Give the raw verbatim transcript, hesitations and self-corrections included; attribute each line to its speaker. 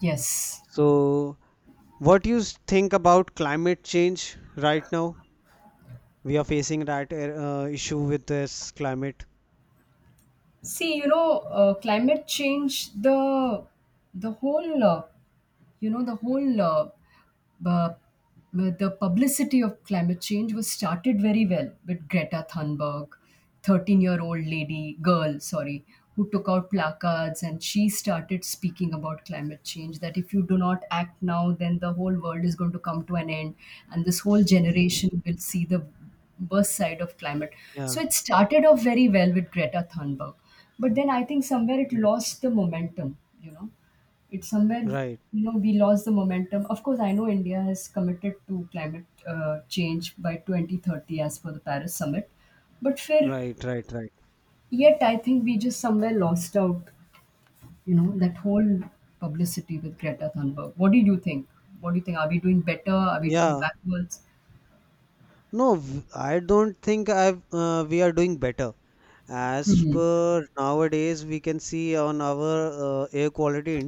Speaker 1: Yes.
Speaker 2: So, what you s- think about climate change right now? We are facing that uh, uh, issue with this climate.
Speaker 1: See, you know, uh, climate change, the the whole uh, you know the whole uh, bu- bu- the publicity of climate change was started very well with Greta Thunberg, thirteen year old lady, girl, sorry, who took out placards and she started speaking about climate change, that if you do not act now, then the whole world is going to come to an end, and this whole generation will see the worst side of climate.
Speaker 2: Yeah,
Speaker 1: So it started off very well with Greta Thunberg, but then I think somewhere it lost the momentum you know It's somewhere
Speaker 2: right, right,
Speaker 1: you know We lost the momentum. Of course, I know India has committed to climate uh, change by twenty thirty as per the Paris summit, but fair
Speaker 2: right, right, right.
Speaker 1: yet I think we just somewhere lost out you know That whole publicity with Greta Thunberg. What do you think, what do you think, are we doing better, are we doing
Speaker 2: Yeah,
Speaker 1: backwards?
Speaker 2: no, v- I don't think I've uh, we are doing better. As per nowadays, we can see on our uh, air quality